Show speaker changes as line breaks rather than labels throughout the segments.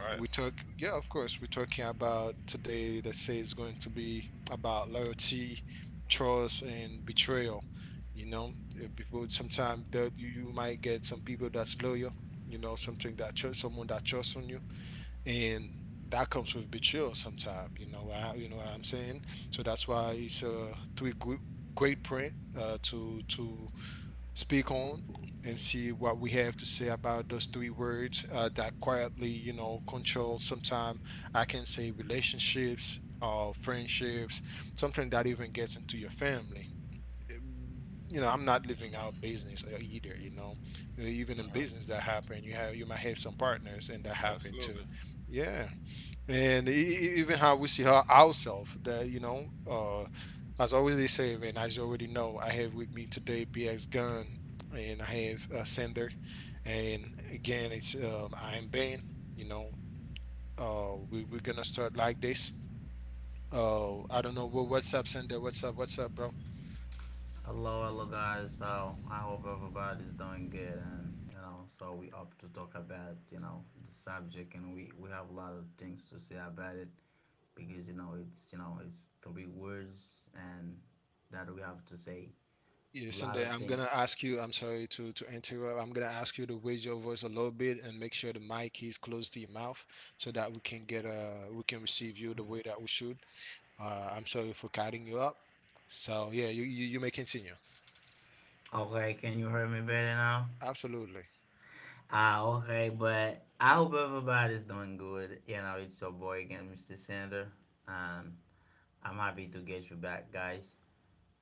Right. Uh-huh. Absolutely.
Hello, hello guys. So I hope everybody's doing good, and so we up to talk about the subject, and we have a lot of things to say about it because it's you know it's three words, and that we have to say a lot of things. Okay, can you hear me better now? Okay, but I hope everybody's doing good. You know, it's your boy again, Mr. Sander, and I'm happy to get you back, guys.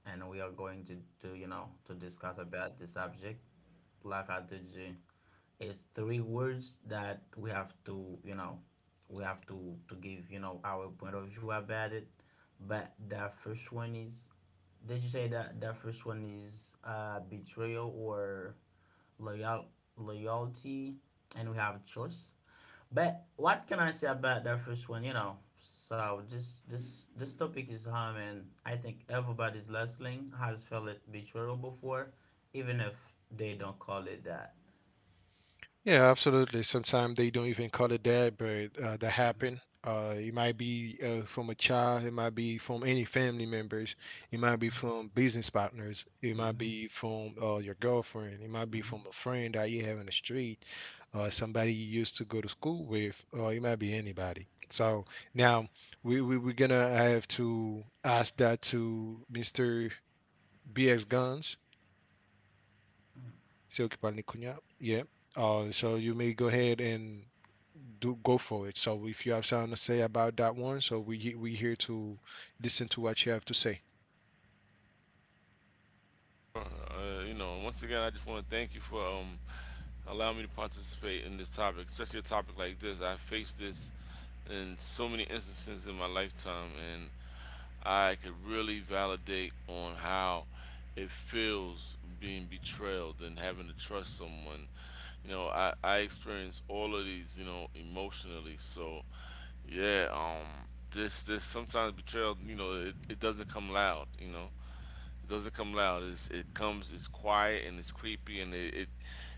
And we are going to to discuss about the subject. Like I told you, it's three words that we have to to give our point of view about it. But the first one is did you say that the first one is betrayal or loyal loyalty, and we have choice. But what can I say about that first one? So this topic is hard, and I think everybody's listening has felt it betrayal before, even if they don't call it that. Mm-hmm. Mm-hmm. Mm-hmm.
You know, once again, I just want to thank you for allowing me to participate in this topic, especially a topic like this. I faced this in so many instances in my lifetime, and I could really validate on how it feels being betrayed and having to trust someone. You know, I experienced all of these, you know, emotionally. So, yeah, this sometimes betrayal, you know, it doesn't come loud. You know, it doesn't come loud. It's quiet and it's creepy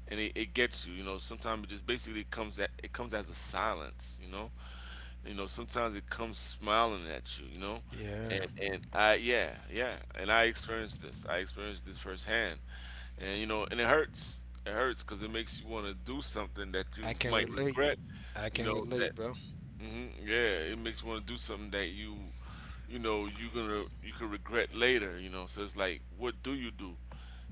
and it gets you. You know, sometimes it just basically comes at it comes as a silence. You know, sometimes it comes smiling at you, you know? And I yeah, yeah. And I experienced this. I experienced this firsthand. And you know, and it hurts. It hurts cuz it makes you want to do something that you might regret, you know, that yeah, it makes you want to do something that you know, you're going to you could regret later, you know. So it's like what do?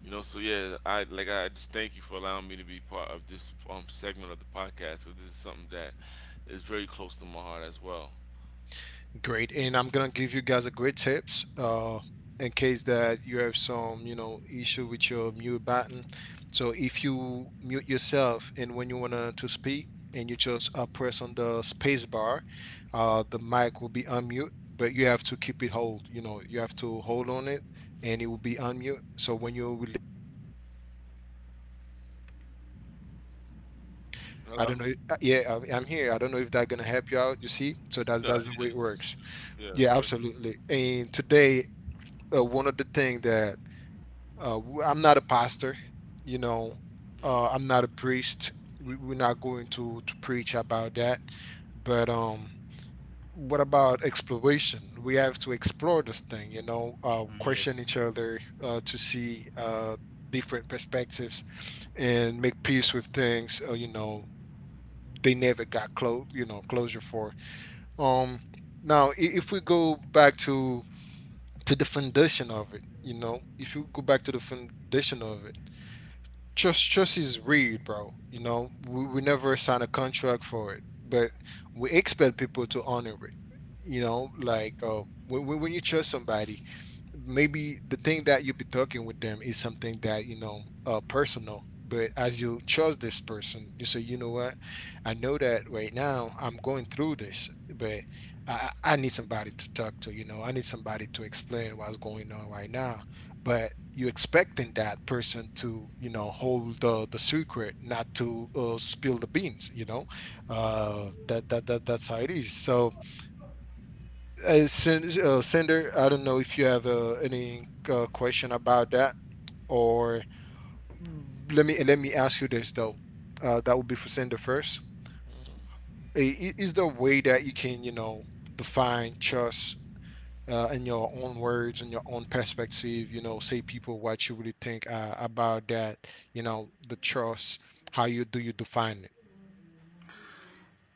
You know, so yeah, I like I just thank you for allowing me to be part of this segment of the podcast. So this is something that is very close to my heart as well. Hello. No, yeah, yeah, perfect. Mhm.
Yes.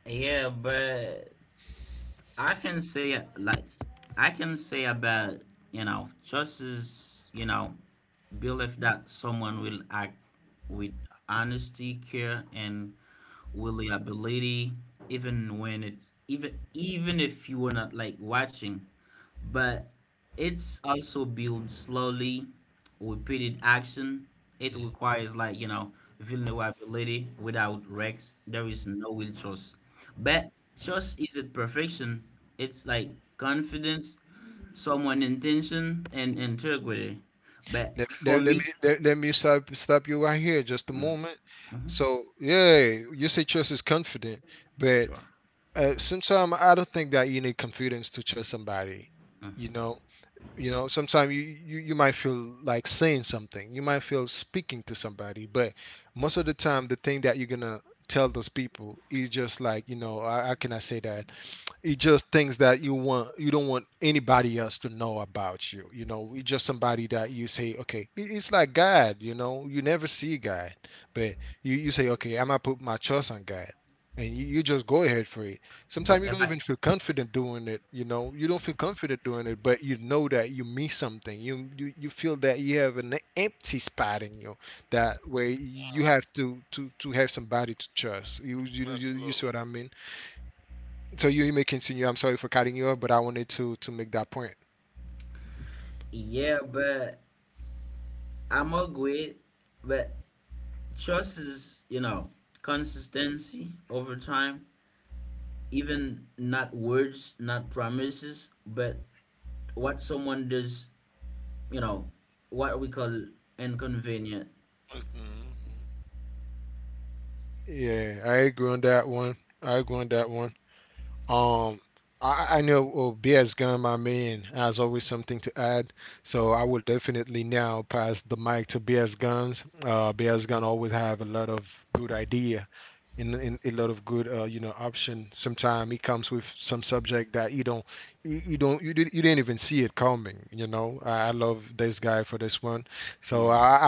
Yeah, but I can say like I can say about just as believe that someone will act with honesty, care, and reliability, even when it's even even if you were not like watching, but it's also built slowly with repeated action. It requires vulnerability. Without rex there is no real trust, but trust isn't perfection. It's like confidence, someone intention and integrity. But for me. Mhm. Sure. Mhm. but if I
Mm. Absolutely.
Yeah, but I'm agree. But trust is, consistency over time, even not words, not promises, but what someone does, you know, what we call inconvenient.
Mhm.
Yes.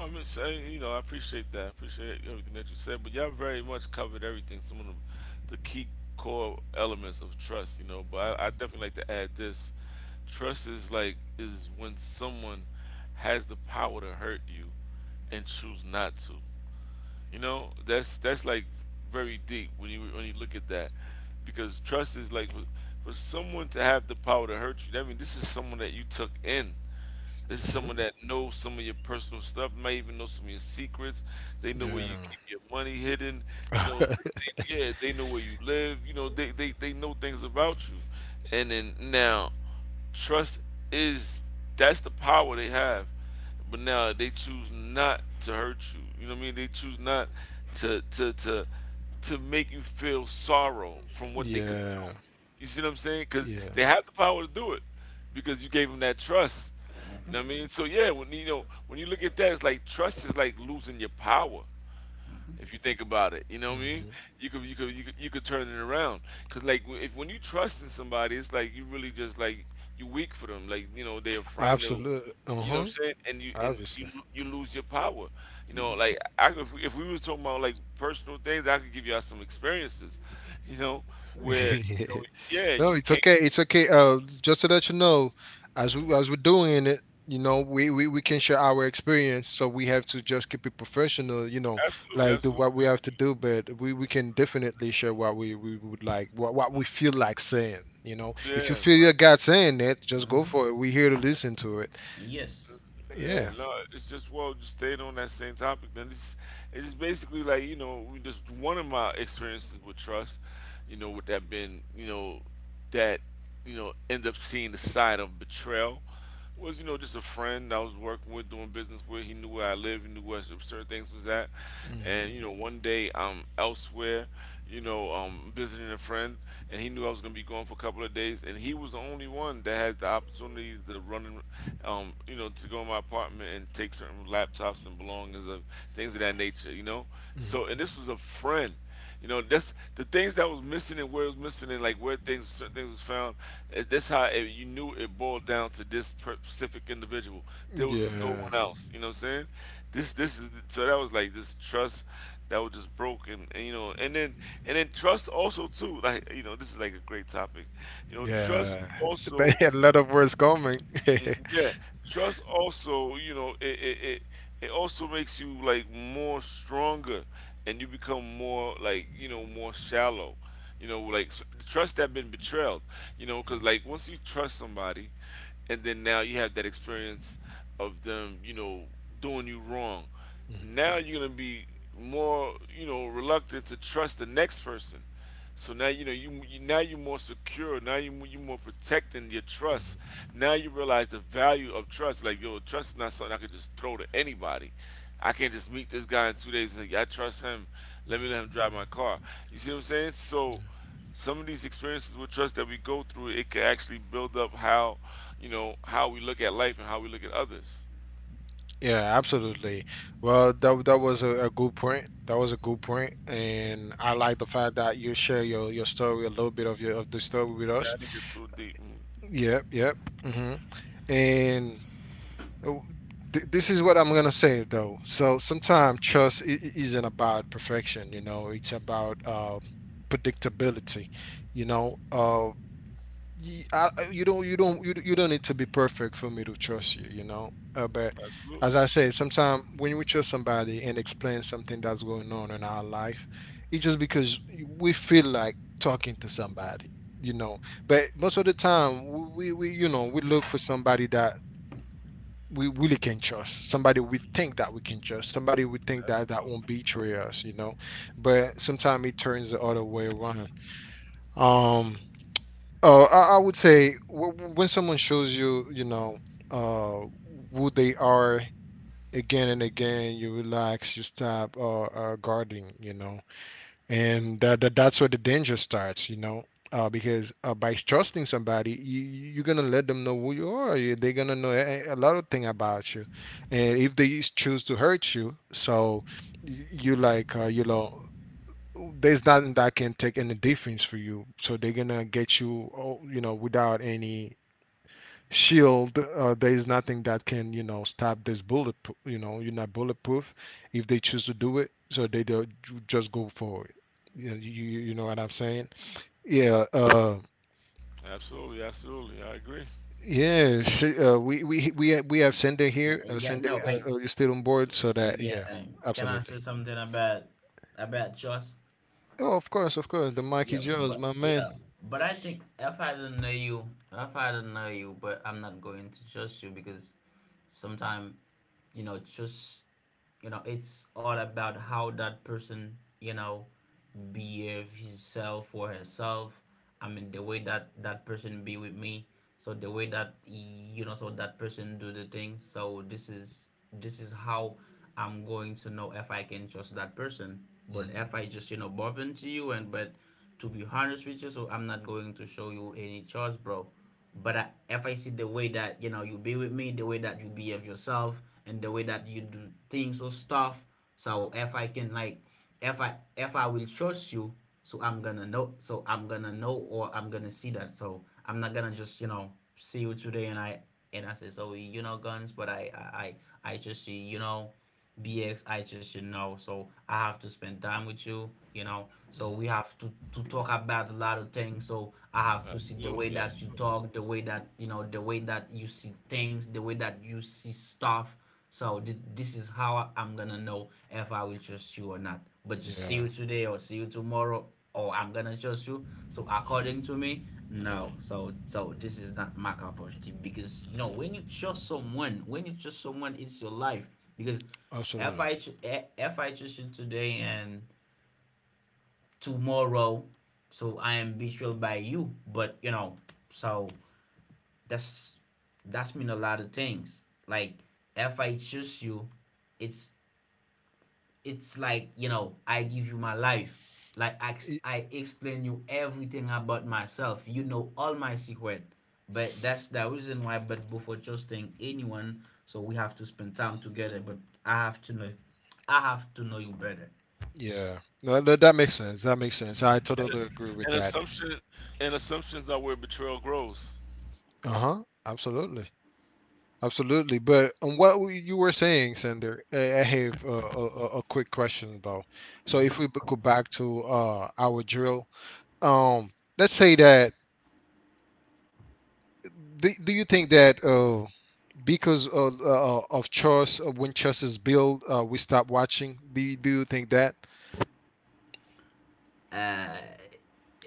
I'm just saying, you know, I appreciate that. I appreciate everything that you said, but y'all very much covered everything. Some of the key core elements of trust, you know. But I definitely like to add this: trust is like is when someone has the power to hurt you and choose not to. You know, that's like very deep when you look at that, because trust is like for someone to have the power to hurt you. I mean, this is someone that you took in. This is someone that knows some of your personal stuff, may even know some of your secrets. They know where you keep your money hidden. You know, yeah, they know where you live. You know, they know things about you. And then now, trust is that's the power they have. But now they choose not to hurt you. You know what I mean? They choose not to to to to make you feel sorrow from what they could do. You see what I'm saying? Because they have the power to do it because you gave them that trust. You know what I
Mm-hmm.
mean? So yeah, when you know when you look at that, it's like trust is like losing your power. If you think about it, you know what I mean. You could turn it around because like if when you trust in somebody, it's like you really just like you weak for them. Like you know they're a friend or you know what I'm saying, and you and you lose your power. You know,
Mm-hmm.
like if we was talking about like personal things, I could give y'all some experiences. You know where you know yeah you became. Mm. Absolutely, absolutely, absolutely, yeah bro.
Mm-hmm. Yes.
Yeah, no, it's just well, just staying on that same topic. Then it's just basically like you know, we just one of my experiences with trust, you know, with that been you know, that you know end up seeing the side of betrayal was you know just a friend I was working with, doing business with. He knew where I lived, he knew where certain things was at, and you know one day I'm elsewhere, you know, visiting a friend, and he knew I was gonna be gone for a couple of days, and he was the only one that had the opportunity to run certain, you know, to go in my apartment and take certain laptops and belongings of things of that nature, you know. So, and this was a friend, you know. That's the things that was missing and where it was missing and like where things, certain things was found. That's how it, you knew it boiled down to this specific individual. There was no one else, you know what I'm saying? This is so that was like this trust that was just broken and you know and then trust also too like you know this is like a great topic you know trust also. Mm. Yeah, trust also, you know, it it also makes you like more stronger, and you become more like you know more shallow, you know, like trust that been betrayed, you know, because like once you trust somebody, and then now you have that experience of them, you know, doing you wrong, now you're gonna be more you know reluctant to trust the next person, so now you know you now you're more secure, now you're more protecting your trust, now you realize the value of trust like yo trust is not something I could just throw to anybody. I can't just meet this guy in 2 days and say "Yeah, I trust him, let me let him drive my car." You see what I'm saying? So some of these experiences with trust that we go through, it can actually build up how you know how we look at life and how we look at others. Yeah, I didn't get too deep. Mm. Absolutely. Absolutely. Absolutely. Absolutely. I agree.
Yeah. No. I. Yeah. Can I say something about trust? Yeah. But yeah. But I think if I don't know you, but I'm not going to trust you because sometimes trust it's all about how that person you know behave himself or herself. I mean, the way that that person be with me. So the way that so that person do the thing. So this is how I'm going to know if I can trust that person. But if I just bump into you and but to be honest with you, so I'm not going to show you any trust, bro. But if I see the way that you be with me, the way that you behave yourself, and the way that you do things or stuff, so if I will trust you, so or I'm gonna see that. So I'm not gonna just see you today and I say so, guns, but I just see BX, I just should know. So I have to spend time with you, you know. So we have to talk about a lot of things. So I have to see the way
Absolutely.
that you
Absolutely.
talk, the way that you see things, the way that you see stuff. So this is how I'm gonna know if I will trust you or not. But just see you today or see you tomorrow or I'm gonna trust you. So according to me, no.
Hmm.
So this is not my cup of tea because when you trust someone, it's your life because if I FH you today and tomorrow. So I am betrayed by you. But so that's that's mean a lot of things. Like if I choose you, it's it's like I give you my life. Like I explain you everything about myself. You know all my secret. But that's the reason why. But before trusting anyone, so we have to spend time together. But I have to know, I have to know you better.
And assumption, and assumptions are where betrayal grows.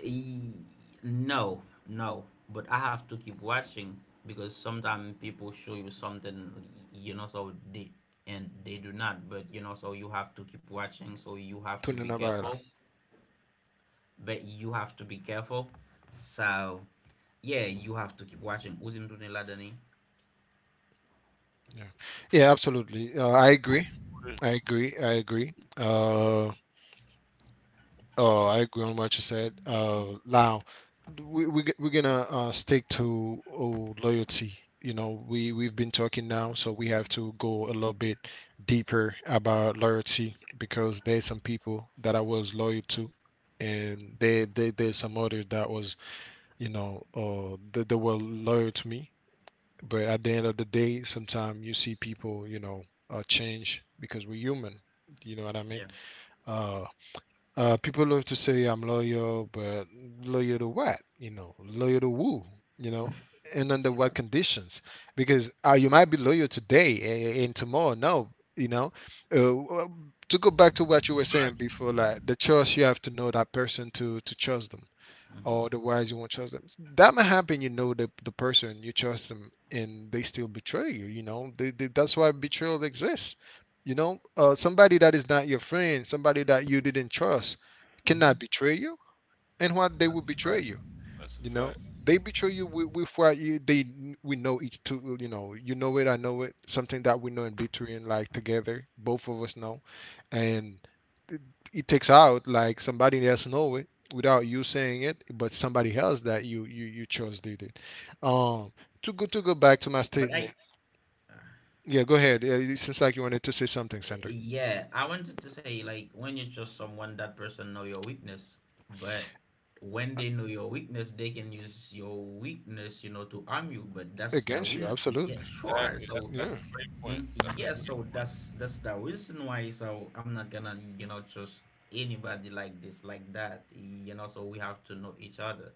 E- No, no. But I have to keep watching because sometimes people show you something, so they and they do not. But so you have to keep watching. So you have to be careful. But you have to be careful. So, yeah, you have to keep watching. Uzim Dune Ladani. Yeah, sure. Hmm.
That's a fact. That's a fact.
But I, Yeah, I wanted to say like when you trust someone, that person know your weakness, but when they know your weakness, they can use your weakness, to harm you. But that's the reason. Yeah, sure.
Exactly. That's
So
that's a great point. That's a
yeah,
great
so
point.
that's the reason why. So I'm not gonna, trust anybody like this, like that. So we have to know each other.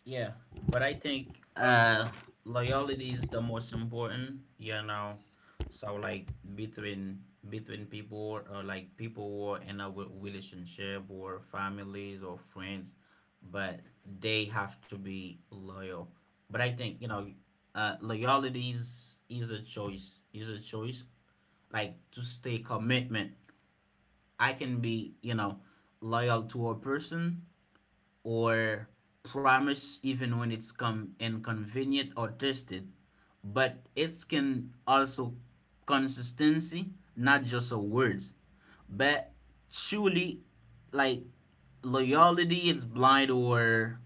Yeah, but I think loyalty is the most important. So like between between people or like people who are in a relationship or families or friends, but they have to be loyal. But I think, loyalty is a choice. Is a choice. Like to stay commitment. I can be, loyal to a person or promise even when it's come inconvenient or tested, but it can also consistency, not just a words, but truly like loyalty it's blind or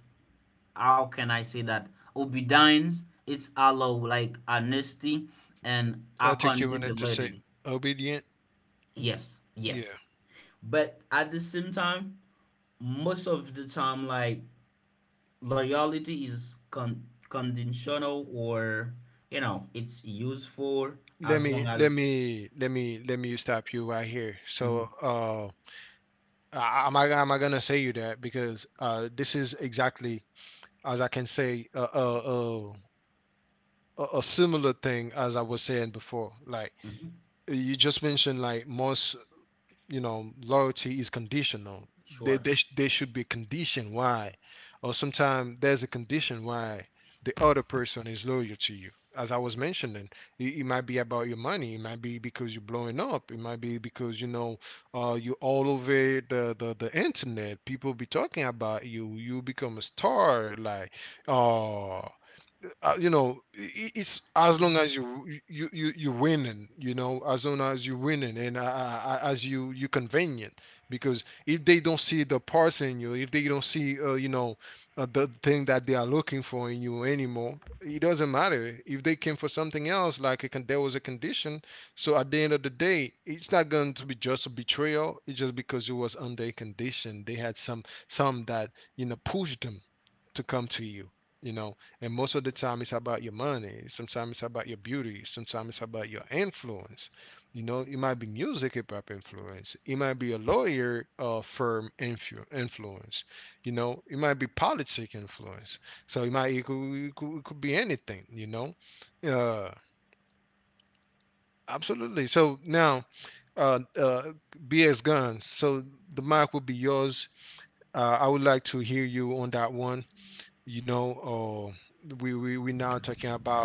how can I say that obedience it's allow like honesty and accountability. Yes, yes. But at the same time, most of the time like loyalty is conditional or it's useful as long as Mhm. Mhm. Sure.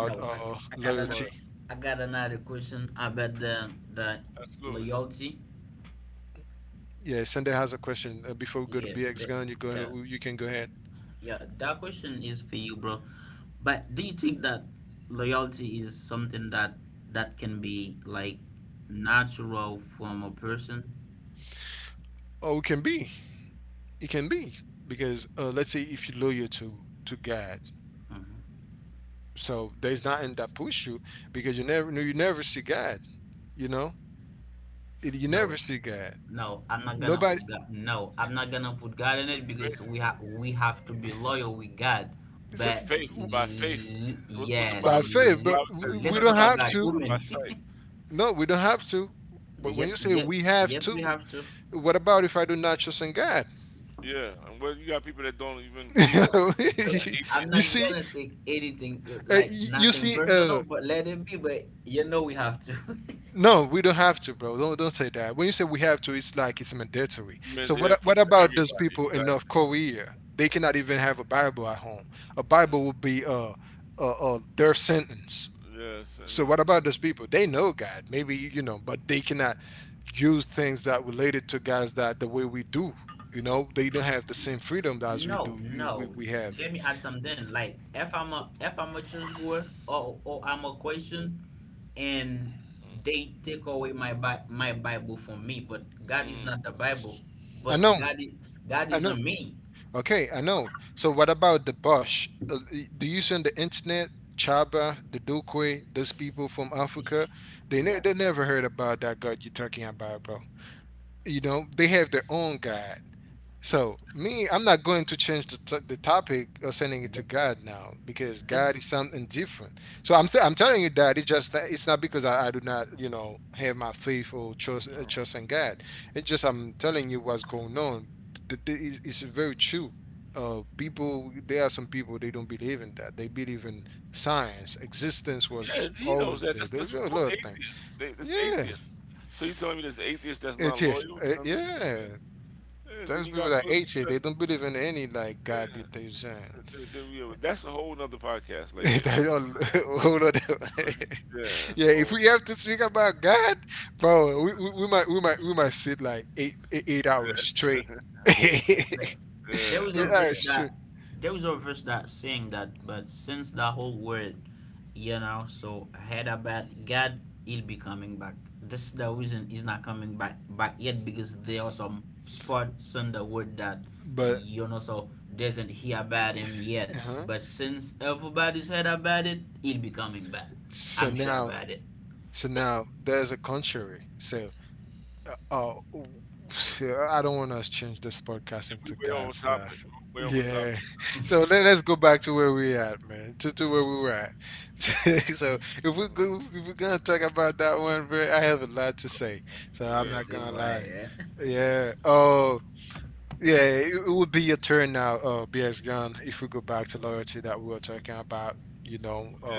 No, I got another
Loyalty.
I got another question about the
Absolutely.
loyalty. Yeah, but yeah, yeah, that question is for you, bro. But do you think that loyalty is something that can be like natural from a person? No. No, I'm not gonna put God. No, I'm not gonna put God in it
With
because
faith.
we have to be loyal with God.
With
But
faith. By faith. What the
yeah,
Bible says. The Bible
let's
says
let's
just
talk
by
about
faith, not
women.
by sight.
Yes, yes, yes, we have to.
Yeah. And what you got people that don't even believe in
But
it. What the
but I'm not
atheists.
gonna take anything like nothing personal. But let it be. But you know we have to.
You meant the airport for everybody. Exactly. Mhm. Yes, and. Mm.
No, no. Let me add something. Like if I'm a chessboard or I'm a question, and
Mm,
they take away my my Bible from me, but God is
mm.
not the Bible, but God is in me. Yes. Th- This
Yeah, he knows that. That's what called atheists. It's atheists. So you telling me there's the atheist that's not loyal? You know what I mean, yeah, then you got Muslim. You got, yeah, yeah, that's a whole nother podcast. Like getting into yeah, that's a whole nother. Yeah,
But there
yeah
was a
that's a, whole.
verse that saying that, but since the whole world, so heard about God, he'll be coming back. This is the reason he's not coming back yet because there are some spots in the world that so doesn't hear about him yet. But since everybody's heard about it, he'll be coming back. I'm sure about it.
We way over topic. We way over topic. That's what I'm gonna say. Mhm. Yeah,
It seems right, yeah.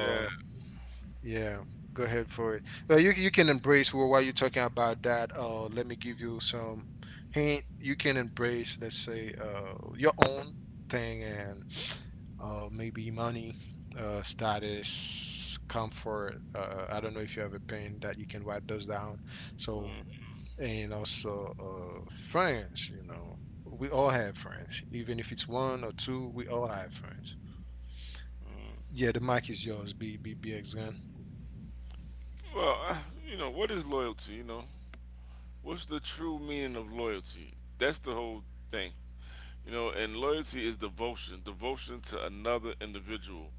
yeah. Mm. Well, I, you know what is loyalty? You know what's the true meaning of loyalty? That's the whole thing. You know, and loyalty is devotion, devotion to another individual.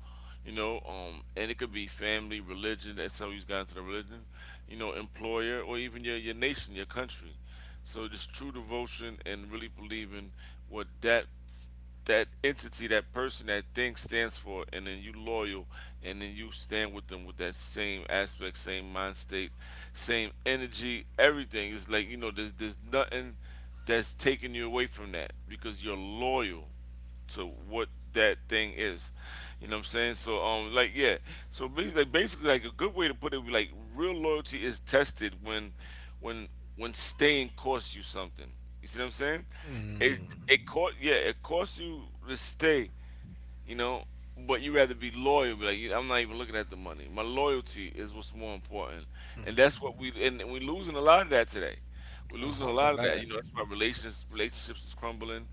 You know, and it could be family, religion. That's how you got into the religion. You know, employer, or even your nation, your country. So just true devotion and really believing what that that entity, that person, that thing stands for, and then you loyal, and then you stand with them with that same aspect, same mind state, same energy, everything. It's like you know, there's nothing that's taking you away from that because you're loyal to what that thing is. You know what I'm saying? So like yeah. So basically like a good way to put it like real loyalty is tested when when when staying costs you something. You see what I'm saying? It it cost yeah, it costs you to stay you know. But you rather be loyal. Be like "Yeah, I'm not even looking at the money. My loyalty is what's more important," and that's what we and we're losing a lot of that today. We're losing a lot of that. You know, that's why relationships is crumbling.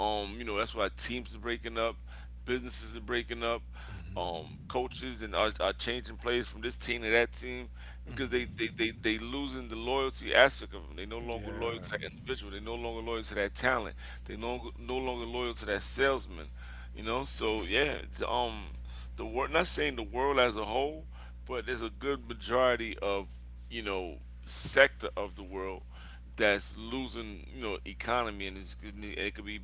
You know, that's why teams are breaking up, businesses are breaking up. Coaches and are changing players from this team to that team because they losing the loyalty aspect of them. They no longer loyal to that individual. They no longer loyal to that talent. They no longer loyal to that salesman. You know, so yeah, the world. Not saying the world as a whole, but there's a good majority of you know sector of the world that's losing you know economy, and it could be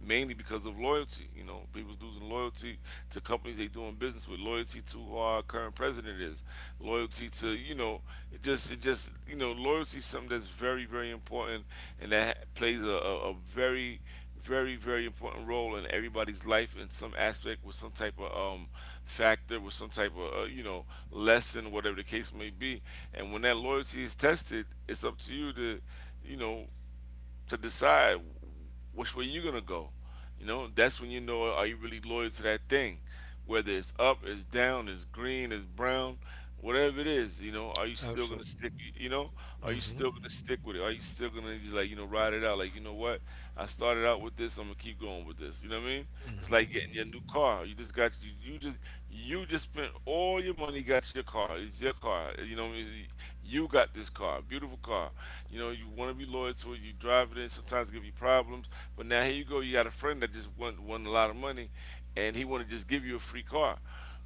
mainly because of loyalty. You know, people's losing loyalty to companies they doing business with, loyalty to who our current president is, loyalty to you know, it just you know, loyalty is something that's very very important and that plays a very very very important role in everybody's life in some aspect with some type of factor with some type of you know lesson whatever the case may be, and when that loyalty is tested it's up to you know to decide which way you're gonna go. You know, that's when you know are you really loyal to that thing, whether it's up, it's down, it's green, it's brown, whatever it is. You know, are you still gonna stick? You know, are you still gonna stick with it? Are you still gonna just like you know ride it out? Like you know what, I started out with this, I'm gonna keep going with this. You know what I mean? It's like getting your new car. You just got you, you just spent all your money, got your car. It's your car. You know, what I mean? You got this car, beautiful car. You know, you want to be loyal to it. You drive it in. Sometimes it give you problems. But now here you go. You got a friend that just won a lot of money, and he want to just give you a free car.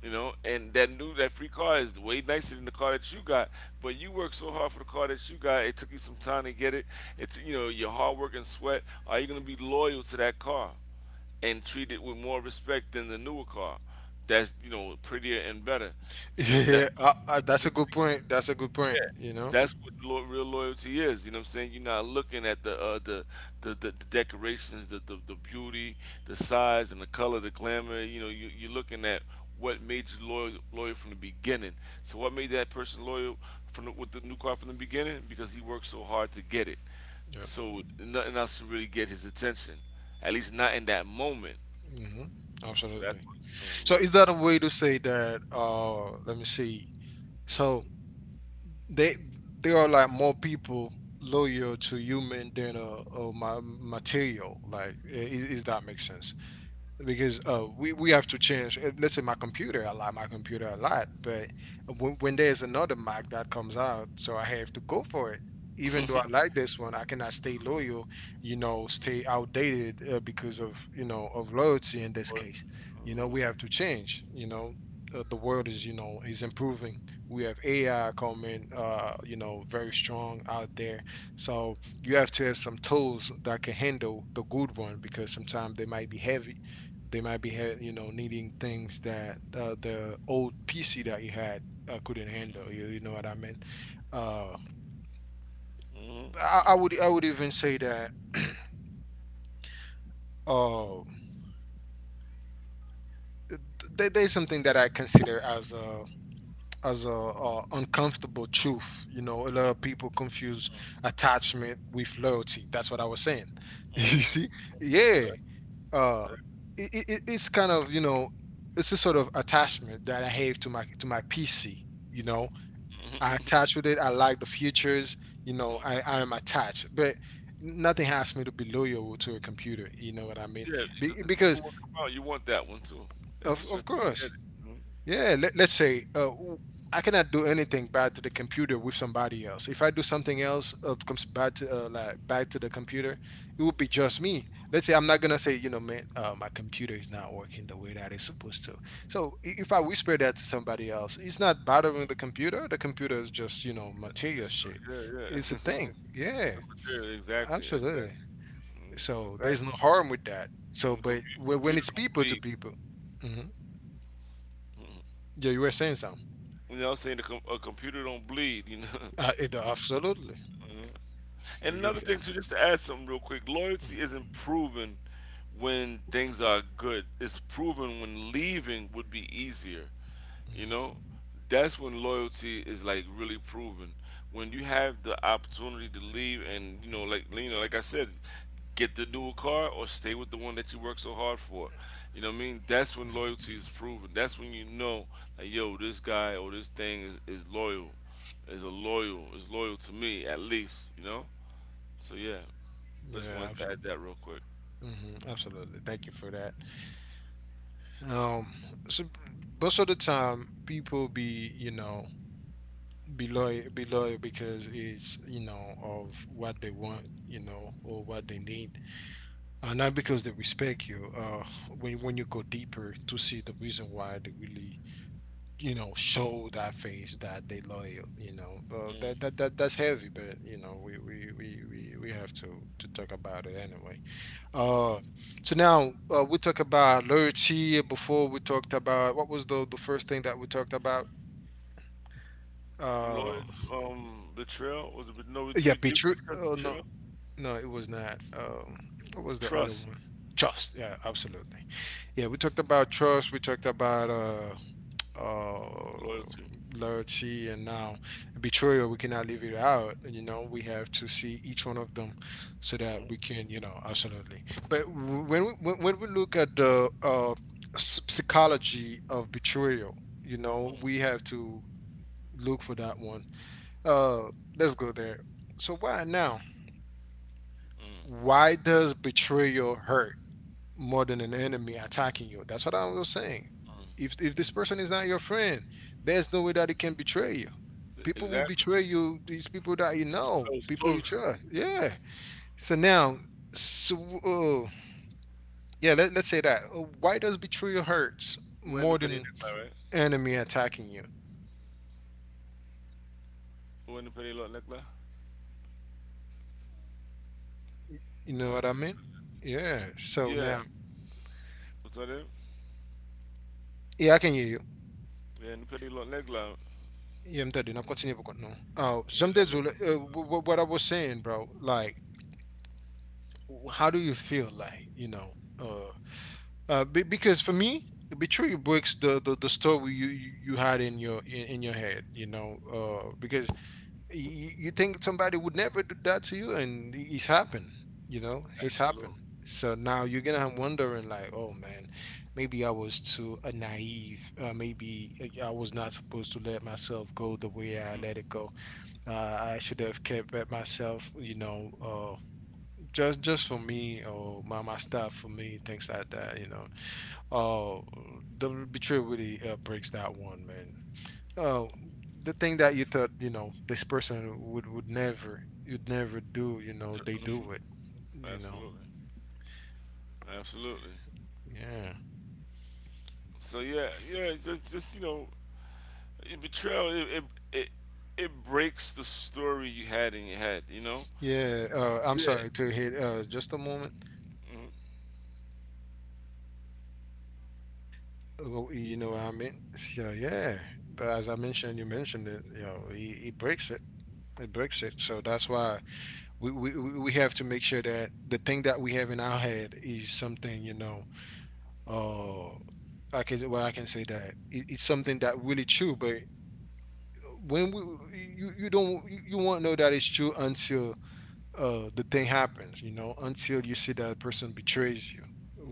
You know, and that new that free car is way nicer than the car that you got. But you worked so hard for the car that you got. It took you some time to get it. It's you know your hard work and sweat. Are you gonna be loyal to that car and treat it with more respect than the newer car? That's you know prettier and better. So that yeah, that's what real loyalty is. You know what I'm saying? You're not looking at the the decorations, the beauty, the size, and the color, the glamour. You know, you're looking at what made you loyal from the beginning. So what made that person loyal from with the new car from the beginning? Because he worked so hard to get it. So nothing else to really get his attention, at least not in that moment. So that's what we know loyalty. Loyalty. Mm-hmm. Mm-hmm. Mm-hmm. Okay. Right. Mm-hmm. Yeah, because if the new one come out, you want that one too. If you stretch, you can get it. You know? It's the, yeah, yeah. It's the material, exactly, exactly, exactly. Computer don't bleed. You know, what I'm saying the a computer don't bleed. You know. hmm And another thing too, just to add something real quick, loyalty isn't proven when things are good. It's proven when leaving would be easier. You know, that's when loyalty is like really proven. When you have the opportunity to leave and you know, like I said, get the new car or stay with the one that you work so hard for. You know what I mean? That's when loyalty is proven. That's when you know like, yo, this guy or this thing is loyal. Is loyal to me at least, you know? So yeah. I just wanted to add that real quick. Uh, loyalty betrayal was it no we did we discuss betrayal? Trust. Loyalty. Mm, mm, mm, mm. Exactly. That was close. When the para necklace, right? When the para Lot necklace? Right, touch it again. Yeah, what's that? It? Yeah, the pretty lot negla. Absolutely, absolutely, absolutely. So yeah, yeah, it's just you know, it betrayal. It, it breaks the story you had in your head. You know. It's- yeah.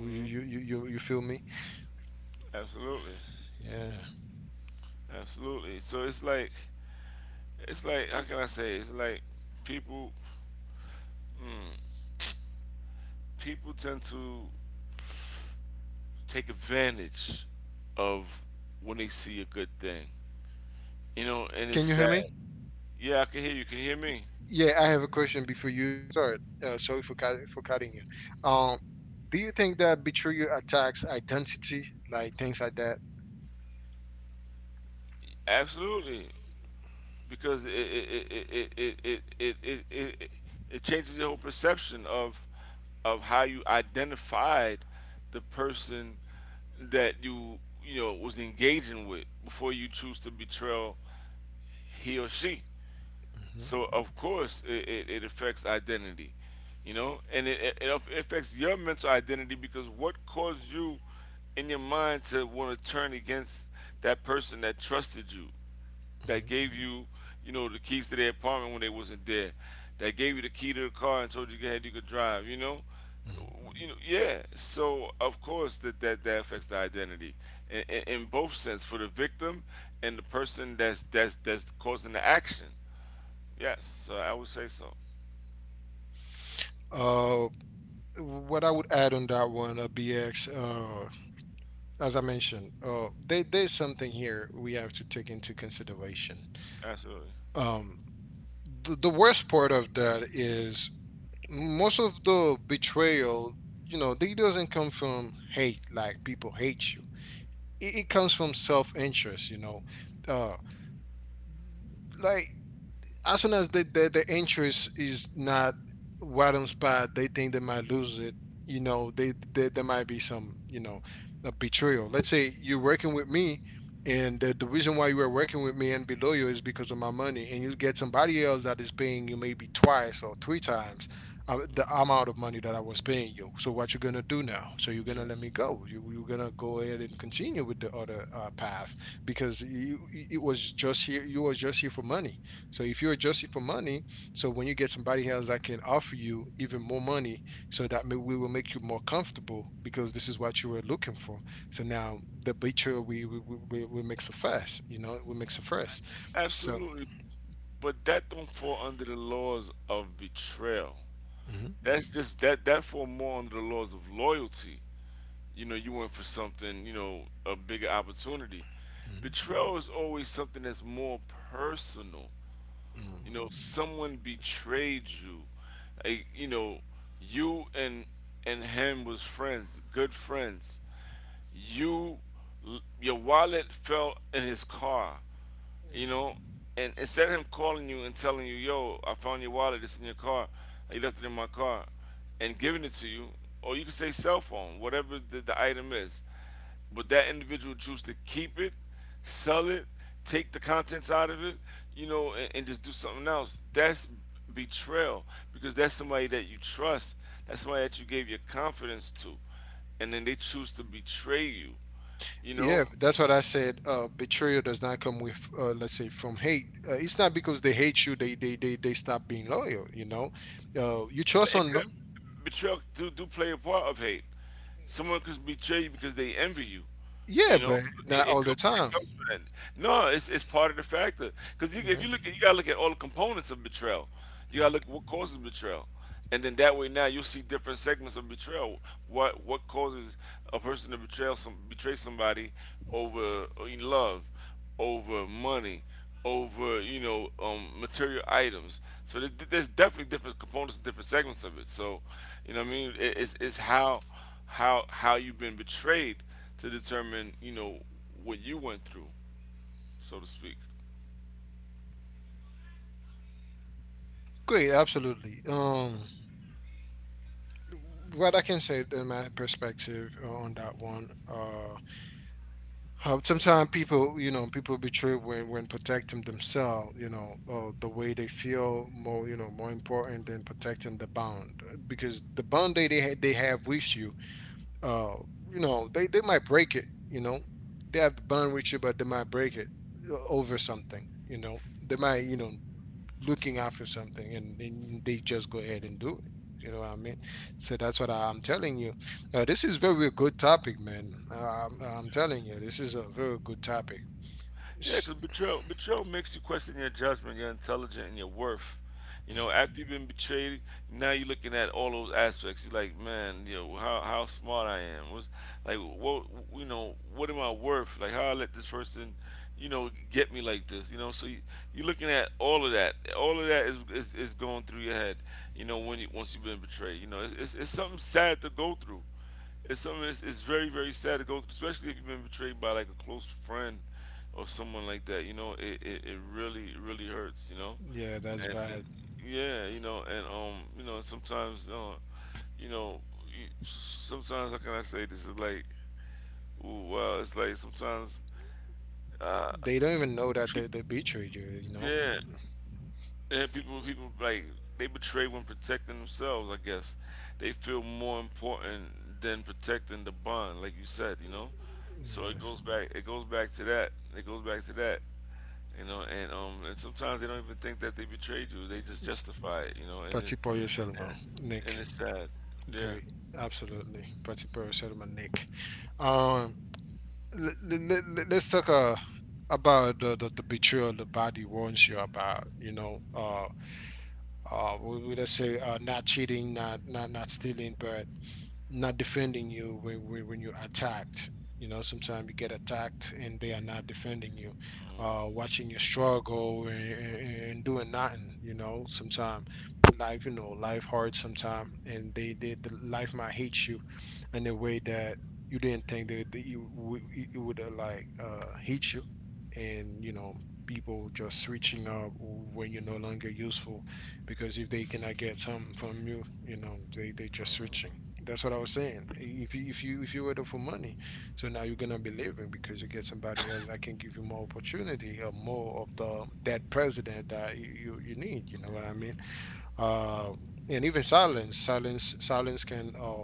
Mm-hmm. Absolutely, absolutely. So it's like how can I say? It's like people hmm, people tend to take advantage of when they see a good thing, you know, and it's
Can you hear
sad.
me?
Yeah, I can hear you. Can you hear me?
Yeah, I have a question before you start. Sorry for cutting you. Um, do you think that betrayal attacks identity, like things like that?
Absolutely, because it changes your whole perception of how you identified the person that you know was engaging with before you choose to betray he or she.
Hmm.
So of course it affects identity, you know, and it affects your mental identity because what caused you in your mind to want to turn against that person that trusted you, that
Hmm.
gave you, you know, the keys to their apartment when they wasn't there, that gave you the key to the car and told you go ahead you could drive, you know,
Hmm.
You know, yeah. So of course that affects the identity in both sense for the victim and the person that's that's causing the action. Yes, I would say so.
Uh, what I would add on that one, BX, as I mentioned, there's something here we have to take into consideration.
Absolutely.
Um, the worst part of that is most of the betrayal, you know, they doesn't come from hate, like people hate you it comes from self interest, you know. Uh, like as soon as the interest is not right on spot, they think they might lose it. You know, they there might be some, you know, a betrayal. Let's say you're working with me, and the reason why you are working with me and below you is because of my money, and you get somebody else that is paying you maybe twice or three times the amount of money that I was paying you. So what you are gonna do now? So you're gonna let
Mm.
me go? You're gonna go ahead and continue with the other path because you, it was just here. You were just here for money. So if you're adjusting for money, so when you get somebody else that can offer you even more money, so that may, we will make you more comfortable because this is what you were looking for. So now the picture we mix it first, you know, we mix a first. So.
Absolutely. But that don't fall under the laws of betrayal.
Mhm.
That's just that fall more under the laws of loyalty. You know, you went for something, you know, a bigger opportunity.
Mhm.
Betrayal is always something that's more personal. You
Mhm.
know, someone betrayed you. Like, you know, you and him was friends, good friends. You your wallet fell in his car you
Mhm.
know, and instead of him calling you and telling you, "Yo, I found your wallet. It's in your car. You left it in my car," and giving it to you, or you can say cell phone, whatever the item is. But that individual chooses to keep it, sell it, take the contents out of it, you know, and just do something else. That's betrayal because that's somebody that you trust. That's somebody that you gave your confidence to, and then they choose to betray you. You
Yeah,
know,
that's what I said. Betrayal does not come with, let's say, from hate. It's not because they hate you, they stop being loyal. You know, you trust
But it
on
could
them.
betrayal do play a part of hate. Someone could betray you because they envy you.
Yeah,
You know,
but not all the
it
time.
comes from that. No, it's part of the factor. Because you, if
Yeah.
you look, at, you gotta look at all the components of betrayal. You gotta look at what causes betrayal, and then that way now you'll see different segments of betrayal. What causes a person to betray somebody over in love? Over money, over you know material items. So there's definitely different components, different segments of it. So you know what I mean. It, it's how you've been betrayed to determine you know what you went through, so to speak.
Great, absolutely. What I can say in my perspective on that one, how sometimes people, you know, people betray when protecting themselves, you know, the way they feel more, you know, more important than protecting the bond because the bond they have with you, uh, you know, they might break it, you know, they have the bond with you, but they might break it over something, you know, they might, you know, looking after something and they just go ahead and do it. You know what I mean? So that's what I'm telling you. This is very good topic, man. I'm telling you this is a very good topic.
Yeah,
It's—
because betrayal makes you question your judgment, your intelligence, and your worth. You
Mhm.
know, after you've been betrayed, now you're looking at all those aspects. You're like, man, you know, how smart I am. What's, like, what, you know, what am I worth? Like, how I let this person, you know, get me like this. You know, so you, you're looking at all of that. All of that is going through your head. You know, when you once you've been betrayed. You know, it's something sad to go through. It's something that's it's very very sad to go, through, especially if you've been betrayed by like a close friend or someone like that. You know, it really really hurts. You know,
Yeah, that's
and
bad.
yeah, you know, and you know, sometimes you know, you- sometimes how can I say this? It's like, ooh, wow, it's like sometimes
They don't even know that they,
people,
they betrayed you, you know.
yeah, yeah, people, people like they betray when protecting themselves. I guess they feel more important than protecting the bond, like you said. You know, so it
Yeah.
goes back. It goes back to that. It goes back to that. You know, and sometimes they don't even think that they betrayed you. They just justify it. You know, and it,
Pati
and,
man,
it,
Nick.
and it's sad. Yeah.
Great. Absolutely. Pati man, Nick. Um, let's talk about the betrayal the body warns you about, you know. We would just say not cheating, not stealing, but not defending you when when you're attacked. You know, sometimes you get attacked and they are not defending you,
Mhm.
watching you struggle and doing nothing. You know, sometimes life, you know, life hard sometimes, and they did the life might hate you in a way that you didn't think that, that it would like hate you, and you know people just switching up when you're no longer useful because if they cannot get some from you, you know, they just switching. That's what I was saying. If you were there for money, so now you're gonna be leaving because you get somebody else that can give you more opportunity or more of the that president that you need. You know what I mean? Uh, and even silence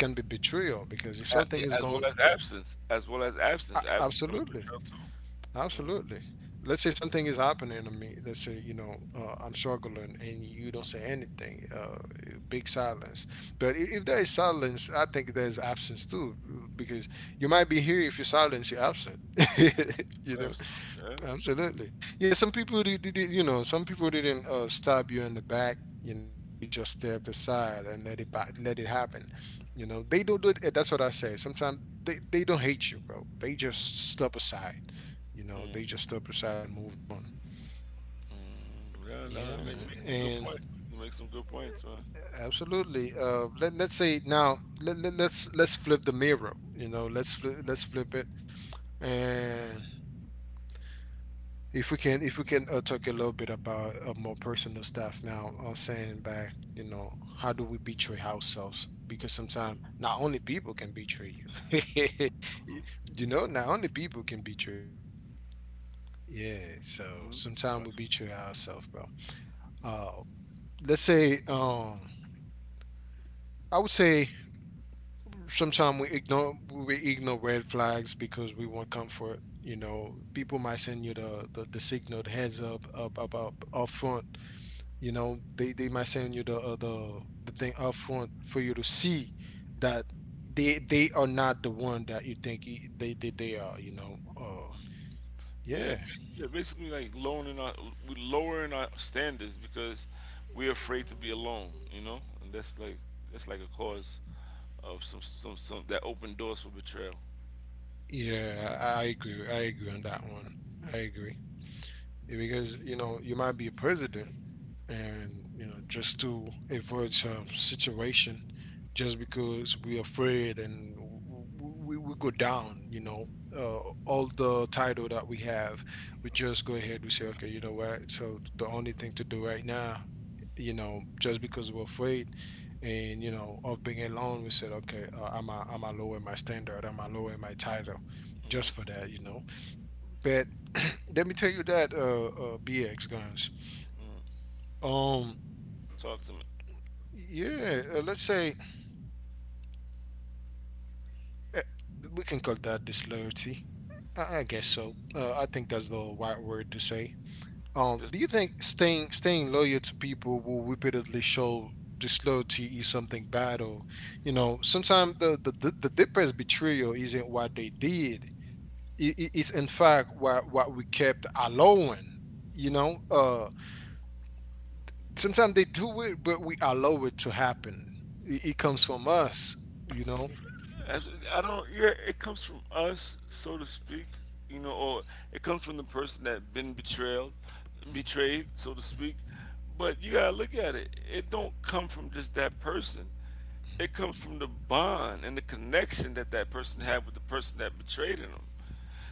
can be betrayal because if something
Yeah,
is
as
going,
well as absence, as well as absence, absence can be
absolutely.
betrayal too. Mm-hmm.
Absolutely. Let's say something is happening to me. Let's say, you know, I'm struggling and you don't say anything, big silence. But if there is silence, I think there's absence too, because you might be here. If you're silent, you're absent, you know?
Absolutely. Yeah.
Absolutely. Yeah, some people you know, some people didn't stab you in the back. You know, they just stepped aside and let let it happen. You know, they don't do it. That's what I say. Sometimes they don't hate you, bro. They just step aside. You know, they
Mm-hmm.
just step aside and move on.
Mm, yeah, no, I
Yeah,
mean, you make some good
and
points. You make some good points, man.
absolutely. Let let's say now let, let let's flip the mirror. You know, let's flip it. And if we can talk a little bit about more personal stuff now, saying back, you know, how do we betray ourselves? Because sometimes not only people can betray you, Y- you know, not only people can betray. Yeah, so
Hmm
sometimes we betray ourselves, bro. Uh, let's say, I would say sometimes we ignore red flags because we want comfort. You know, people might send you the signal, the heads up, up front. You know, they might send you the the thing up front for you to see that they are not the one that you think they are. You know,
Yeah,
yeah.
yeah, basically like lowering our we lowering our standards because we're afraid to be alone, you know, and that's like a cause of some that open doors for betrayal.
Yeah, I agree on that one. I agree. Yeah, because you know you might be a president, and you know just to avoid some situation just because we're afraid and we go down, you know, uh, all the title that we have, we just go ahead, we say okay, you know what, so the only thing to do right now, you know, just because we're afraid and you know of being alone, we said okay, I'm a lower my standard, I'm a lower my title just for
Hmm
that, you know. But let me tell you that BX Guns, um.
Talk to me.
Yeah, let's say uh, we can call that disloyalty. I guess so. I think that's the right word to say.
This
Do you think staying loyal to people who repeatedly show disloyalty is something bad, or you know, sometimes the deepest betrayal isn't what they did. It's in fact what we kept allowing. You know, sometimes they do it, but we allow it to happen. It comes from us. You know.
That's- I don't. Yeah, it comes from us, so to speak. You know, or it comes from the person that been betrayed, betrayed, so to speak. But you gotta look at it. It don't come from just that person.
Mhm.
It comes from the bond and the connection that that person had with the person that betrayed them.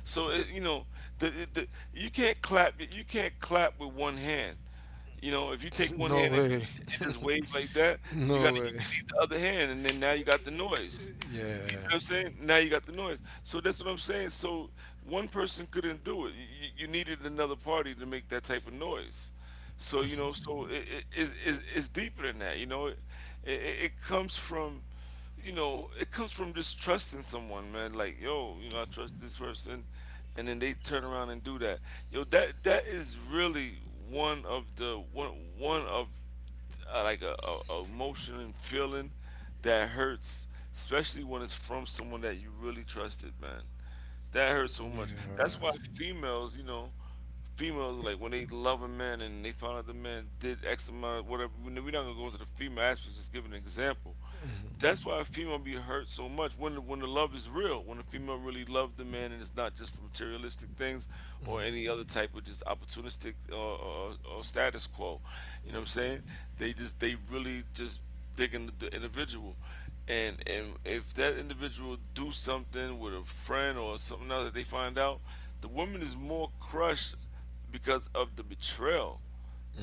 So it, you know, the you can't clap. You can't clap with one hand. You know, if you take one
No
hand
way.
and just wave like that, you got
No
to
way.
you need the other hand, and then now you got the noise. You see
Yeah.
what I'm saying? Now you got the noise. So that's what I'm saying. So one person couldn't do it. You needed another party to make that type of noise. So you
Mhm.
know, so it, it's deeper than that. You know, it comes from, you know, it comes from just trusting someone, man. Like yo, you know, I trust this person, and then they turn around and do that. Yo, that is really one of the one one of like a emotion and feeling that hurts, especially when it's from someone that you really trusted, man. That hurts so much. That's why
Yeah.
females like when they love a man and they find out the man did X amount of whatever. We're not gonna go into the female aspect. Just give an example.
Mhm.
That's why a female be hurt so much when when the love is real. When a female really loves the man and it's not just for materialistic things or
Mhm.
any other type of just opportunistic or status quo. You know what I'm saying? They really just thinking of the individual, and if that individual do something with a friend or something else that they find out, the woman is more crushed because of the betrayal,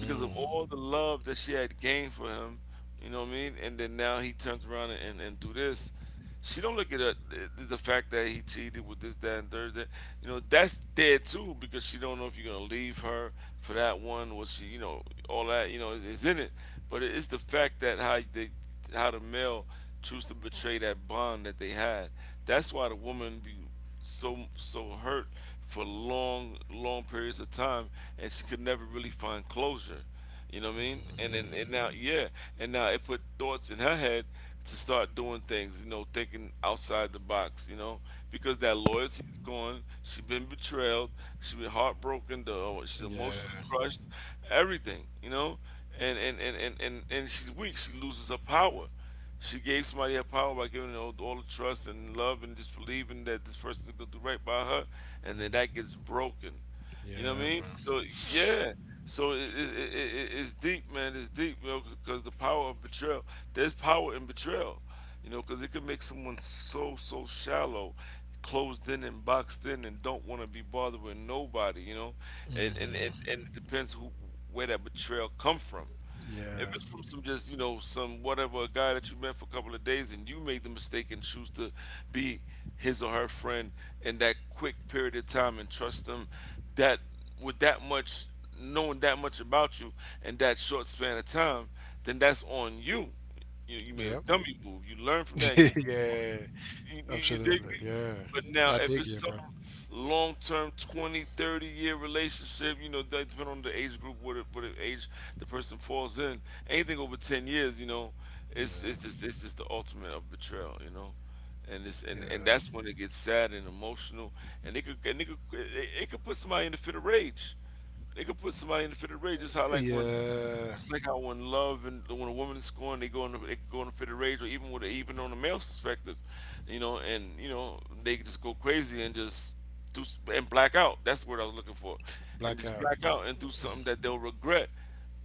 because of all the love that she had gained for him. You know what I mean? And then now he turns around and, and do this. She don't look at the fact that he cheated with this, that, and third. That, you know, that's dead too because she don't know if you're gonna leave her for that one. Was she, you know, all that you know is in it. But it's the fact that how the male choose to betray that bond that they had. That's why the woman be so hurt for long, long periods of time, and she could never really find closure, you know what I mean? And then
Mhm.
and now, yeah, and now it put thoughts in her head to start doing things, you know, thinking outside the box, you know, because that loyalty's gone. She been betrayed, she been heartbroken, she's emotionally
Yeah.
crushed, everything, you know. And she's weak, she loses her power. She gave somebody her power by giving all the trust and love and just believing that this person is gonna do right by her, and then
Mhm.
that gets broken. You know what I
Yeah,
mean?
man.
So yeah, so it's deep, man. It's deep, you know, because the power of betrayal. There's power in betrayal, you know, because it can make someone so shallow, closed in and boxed in, and don't want to be bothered with nobody, you know. And and, and
Mhm.
and it depends who where that betrayal come from. If
Yeah.
it's from some, just, you know, some whatever, a guy that you met for a couple of days and you made the mistake and choose to be his or her friend in that quick period of time and trust them, that, with that much, knowing that much about you in that short span of time, then that's on you. You made a
Yep.
dummy move. You learn from that and you.
Yeah.
You dig
Absolutely.
me?
Yeah.
But now,
I
if
dig
it's
you,
some
bro.
long term 20, 30-year relationship, you know, that depending on the age group, what, age the person falls in, anything over 10 years, you know, it's, it's,
Yeah.
just, it's just the ultimate of betrayal, you know? And
Yeah.
that's when it gets sad and emotional, and it could put somebody in the fit of rage. It could put somebody in the fit of rage. Just how, like when
Yeah.
it's like how when love and when a woman is scoring, they go in it go in the fit of rage, or even with, even on the male perspective, you know, and you know they can just go crazy and just do s- and black out. That's what I was looking for, and just
Blackout.
black out and do something
Mm-hmm.
that they'll regret.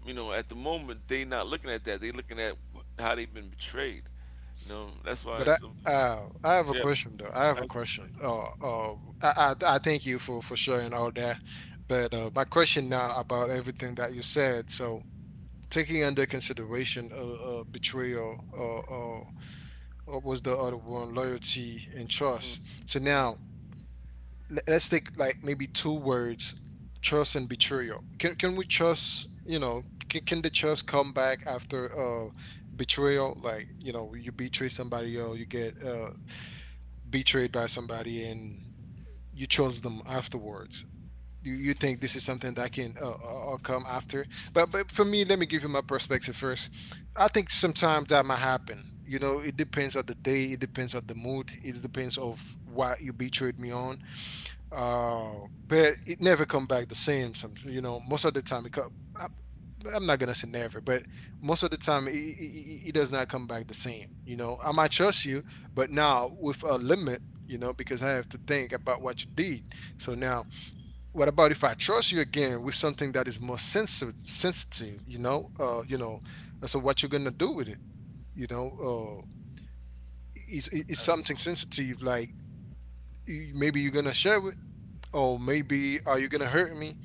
You know, at the moment they not looking at that; they looking at how they've been betrayed. You know, that's why.
But I,
It's —
I have a
yes,
question though. I have a question.
absolutely,
I thank you for sharing all that. But my question now about everything that you said. So taking under consideration betrayal, or was the other one loyalty and trust. So now let's take like maybe two words, trust and betrayal. Can we trust? You know, can the trust come back after betrayal? Like you know, you betray somebody, or you get betrayed by somebody and you trust them afterwards. You think this is something that can come after, but for me, let me give you my perspective first. I think sometimes that might happen. You know, it depends on the day, it depends on the mood, it depends of what you betrayed me on. Uh, but it never come back the same. Some you know, most of the time, I'm not gonna say never, but most of the time it does not come back the same. You know, I might trust you, but now with a limit, you know, because I have to think about what you did. So now, what about if I trust you again with something that is more sensitive? Sensitive, you know, you know. So what you're gonna do with it? You know, it's something
absolutely,
sensitive. Like maybe you're gonna share it, or maybe are you gonna hurt me?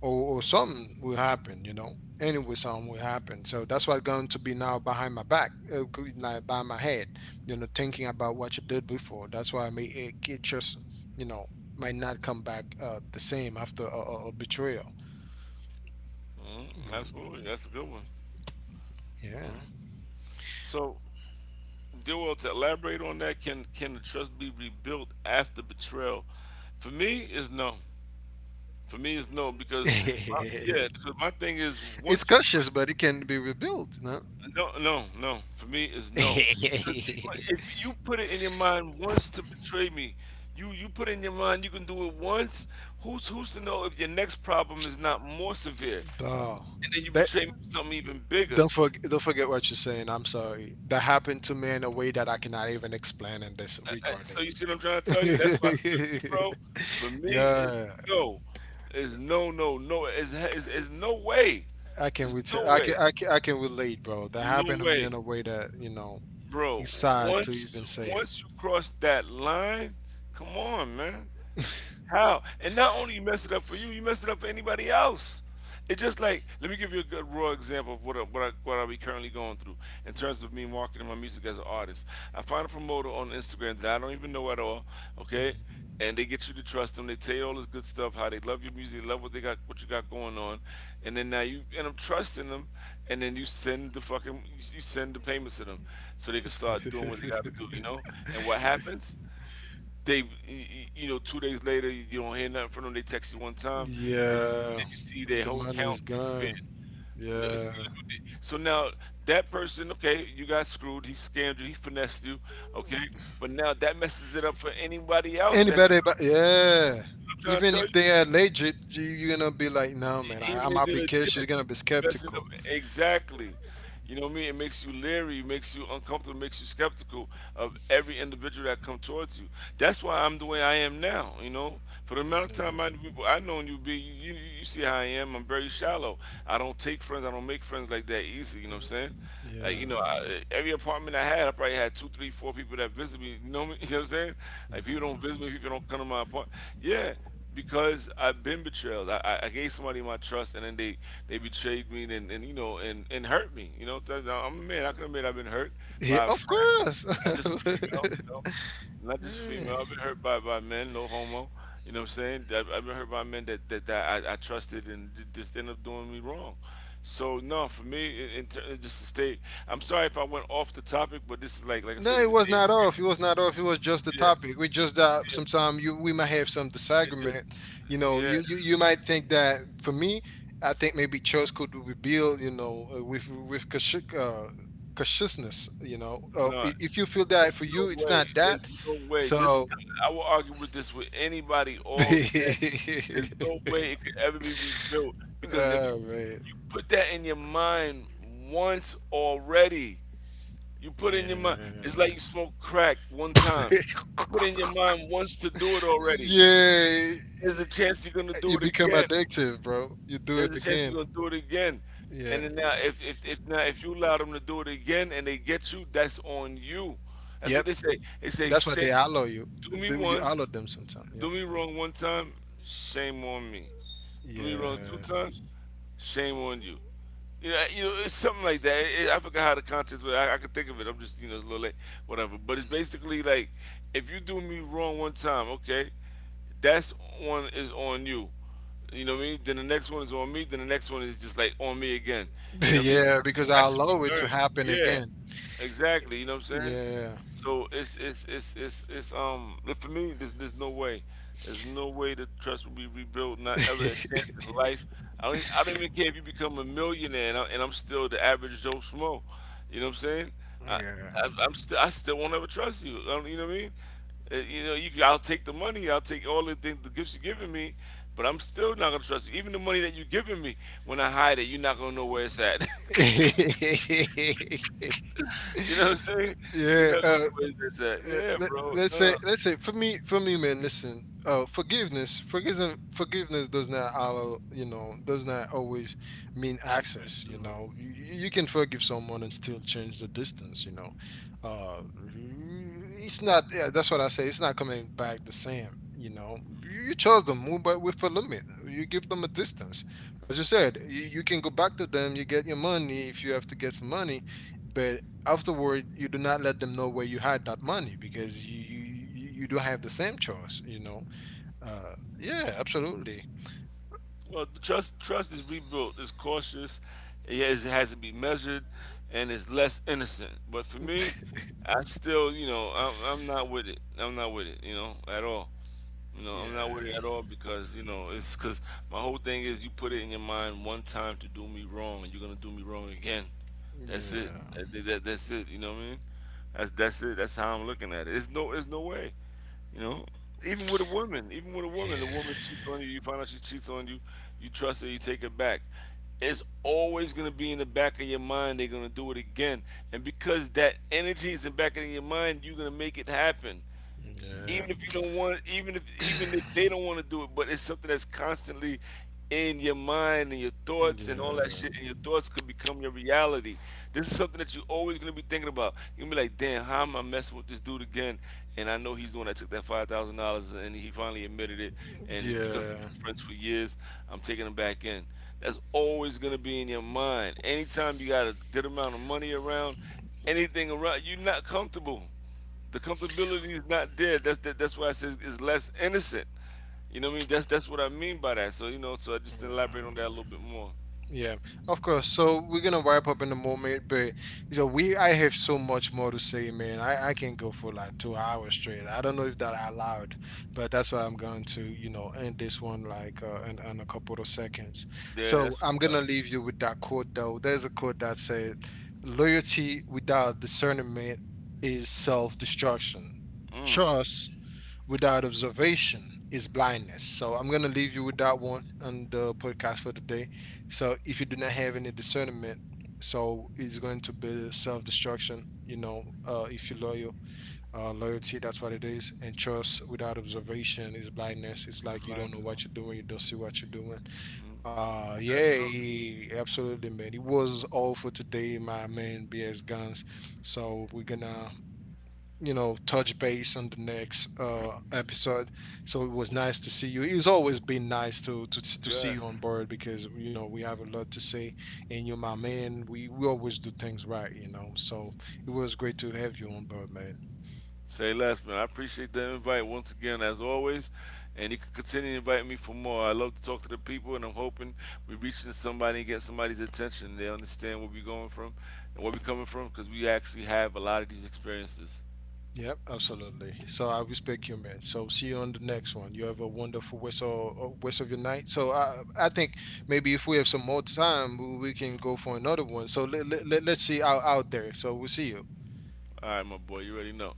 Or, or something will happen, you know. Anyway, something will happen. So that's what's going to be now behind my back, like by my head, you know, thinking about what you did before. That's why I mean, it just, you know, might not come back the same after a betrayal.
mhm, absolutely. That's a good one.
Yeah. Yeah.
So Joel, to elaborate on that, can the trust be rebuilt after betrayal? For me, is no. For me, is no because yeah, because my thing is
It's
once you put
cautious, but it can be rebuilt, no.
no, no, no. For me, is no. 'Cause if if you put it in your mind once to betray me, you put it in your mind you can do it once. Who's to know if your next problem is not more severe,
Oh,
and then you
that
betray me for something even bigger?
don't forget what you're saying. I'm sorry. That happened to me in a way that I cannot even explain in this
Uh,
recording.
so you see what I'm trying to tell you? That's why for me, bro. For me,
Yeah,
no, it's no, no, no. It's no way.
I can
There's no
reta I can,
way,
I can I can relate, bro. That
no
happened to me in
way,
a way that,
bro.
it's sad to
Once
even say
once you cross that line, come on, man. How? And not only you mess it up for you, you mess it up for anybody else. It's just like let me give you a good raw example of what I be currently going through in terms of me marketing my music as an artist. I find a promoter on Instagram that I don't even know at all,
it.
okay,
Mhm.
and they get you to trust them. They tell you all this good stuff, how they love your music, they love what they got, what you got going on, and then now you end up trusting them, and then you send the payments to them so they can start doing what they got to do, you know. And what happens? They, you know, 2 days later, you don't hear nothing from them. They text you one time, then you,
Yeah,
then you see their
the
whole
money is
account
gone.
disappeared. No, it's
Yeah.
eluded. So now that person, okay, you got screwed. He scammed you. He finessed you. Okay, but now that messes it up for anybody else. That's
Anybody, but yeah.
I'm trying to
Even
tell
if
you.
they are legit, you're gonna be like, no, man,
Even
I'm
if
not
they're
be cash. You're
legit,
gonna be
messing up
skeptical.
exactly. You know what I mean? It makes you leery, it makes you uncomfortable, it makes you skeptical of every individual that come towards you. That's why I'm the way I am now. You know, for the amount of time
No.
I known you be, you see how I am. I'm very shallow. I don't take friends. I don't make friends like that easy. You know what I'm
Mm,
saying? Like, you
yeah.
know, every apartment I had, I probably had two, three, four people that visit me. You know me? You know what I'm saying? Like people
Yeah.
don't visit me. People don't come to my apartment. Yeah, because I've been betrayed. I gave somebody my trust, and then they betrayed me, and you know, and hurt me. You know, I'm a man. I can admit I've been hurt
Yeah,
by a
of
friend,
course.
not just a female. You know, not just a
Yeah.
female. I've been hurt by, men. No homo. You know what I'm saying? I've been hurt by men that I trusted and just end up doing me wrong. So no, for me, just to stay. I'm sorry if I went off the topic, but this is like I said,
No, it
it's a
was
day.
not off. It was not off. It was just the
Yeah,
topic. We just that
yeah,
sometimes you we might have some
it's just
disagreement. You know,
yeah,
you, you might think that for me, I think maybe church could rebuild. You know, with consciousness. You know,
no.
if you feel that
There's
for
no
you, it's
way.
not that.
There's no way. This is
So,
I will argue with this with anybody all day. There's no way it could ever be rebuilt because if you
oh man.
you put that in your mind once already, you put in your mind. It's
Yeah.
like you smoke crack one time. Put in your mind once to do it already.
Yeah,
There's a
y-
chance you're gonna
you
do it
become
again,
addictive, bro. You do it
there's a chance
again.
you're gonna do it again. And
Yeah.
then now, if now if you allow them to do it again and they get you, that's on you. That's what
Yep.
they say. They say,
That's why
shame,
they allow you.
do me
Do you allow
once,
them sometimes? Yeah.
do me wrong one time, shame on me. Do me wrong two
Yeah.
times, shame on you. you know it's something like that. I forgot how the context, but I can think of it. I'm just, you know, it's a little late, whatever. But it's basically like, if you do me wrong one time, okay, that's one is on you. You know what I mean? Then the next one is on me. Then the next one is just like on me again. You know what I mean?
Yeah,
Because, like,
because
I
I
should be
allow it to
learning.
happen
Yeah.
again.
Exactly, you know what I'm saying?
Yeah.
So it's look, for me there's no way. There's no way the trust will be rebuilt, not ever a chance in life. I don't even care if you become a millionaire and I'm still the average Joe Schmo. You know what I'm saying? I,
yeah.
I still won't ever trust you. I don't, you know what I mean? You know, I'll take the money, I'll take all the things, the gifts you're giving me, but I'm still not gonna trust you. Even the money that you're giving me, when I hide it, you're not gonna know where it's at. You know what I'm saying? You are
yeah.
not going the ways they at.
Uh,
Yeah,
let,
bro,
let's say
no.
let's say for me, man, listen. Forgiveness does not always mean access. You know, you can forgive someone and still change the distance. Uh it's not, yeah, that's what I say, it's not coming back the same, you know. You chose them, move but with a limit. You give them a distance. As you said, you can go back to them. You get your money if you have to get some money. But afterward you do not let them know where you hide that money, because you, you do have the same choice, you know. Uh, yeah, absolutely.
Well, the trust is rebuilt. It's cautious. It has to be measured, and it's less innocent. But for me, I still, you know, I'm not with it. I'm not with it, you know, at all. You know, I'm not with it
Yeah.
at all because you know it's because my whole thing is you put it in your mind one time to do me wrong, and you're gonna do me wrong again. That's it.
Yeah.
That's it. You know what I mean? That's it. That's how I'm looking at it. It's no way. You know, even with a woman, the
Yeah.
woman cheats on you. You find out she cheats on you. You trust her. You take it back. It's always gonna be in the back of your mind. They're gonna do it again, and because that energy is in the back of your mind, you're gonna make it happen
Yeah.
even if you don't want even if they don't want to do it, but it's something that's constantly in your mind and your thoughts and all that shit, and your thoughts could become your reality. This is something that you're always going to be thinking about. You're going to be like, damn, how am I messing with this dude again, and I know he's the one that took that $5,000 and he finally admitted it. And
Yeah.
he, because we've
Yeah.
been friends for years, I'm taking him back in. That's always going to be in your mind. Anytime you got a good amount of money around, anything around, you're not comfortable. The comfortability is not there. That's that's why I says it's less innocent. You know what I mean? That's what I mean by that. So you know, so I just elaborate on that a
Yeah.
little bit more.
Yeah, of course. So we're gonna wrap up in a moment, but you know, we I have so much more to say, man. I can go for like two hours straight. I don't know if that I allowed, but that's why I'm going to, you know, end this one like in a couple of seconds.
Yeah,
So
that's what's
I'm
up.
gonna leave you with that quote though. There's a quote that said, "Loyalty without discernment is self-destruction.
Mm.
Trust without observation is blindness." So I'm gonna leave you with that one on the podcast for today. So if you do not have any discernment, so it's going to be self destruction. You know, if you loyal, loyalty, that's what it is, and trust without observation is blindness. It's like you don't
Blind.
know what you're doing, you don't see what you're doing.
Absolutely.
Yeah, absolutely, man. It was all for today, my man. BS Guns. So we're gonna, you know, touch base on the next episode. So it was nice to see you. It's always been nice to to see you on
Yes.
board, because you know we have a lot to say, and you're my man. We always do things right, you know. So it was great to have you on board, man.
Say less, man. I appreciate the invite once again, as always. And you can continue to invite me for more. I love to talk to the people, and I'm hoping we reaching somebody and get somebody's attention. They understand where we're going from and where we're coming from because we actually have a lot of these experiences.
Yep, absolutely. So I respect you, man. So see you on the next one. You have a wonderful rest of your night. So I think maybe if we have some more time, we can go for another one. So let's see out there. So we'll see you.
All right, my boy, you already know.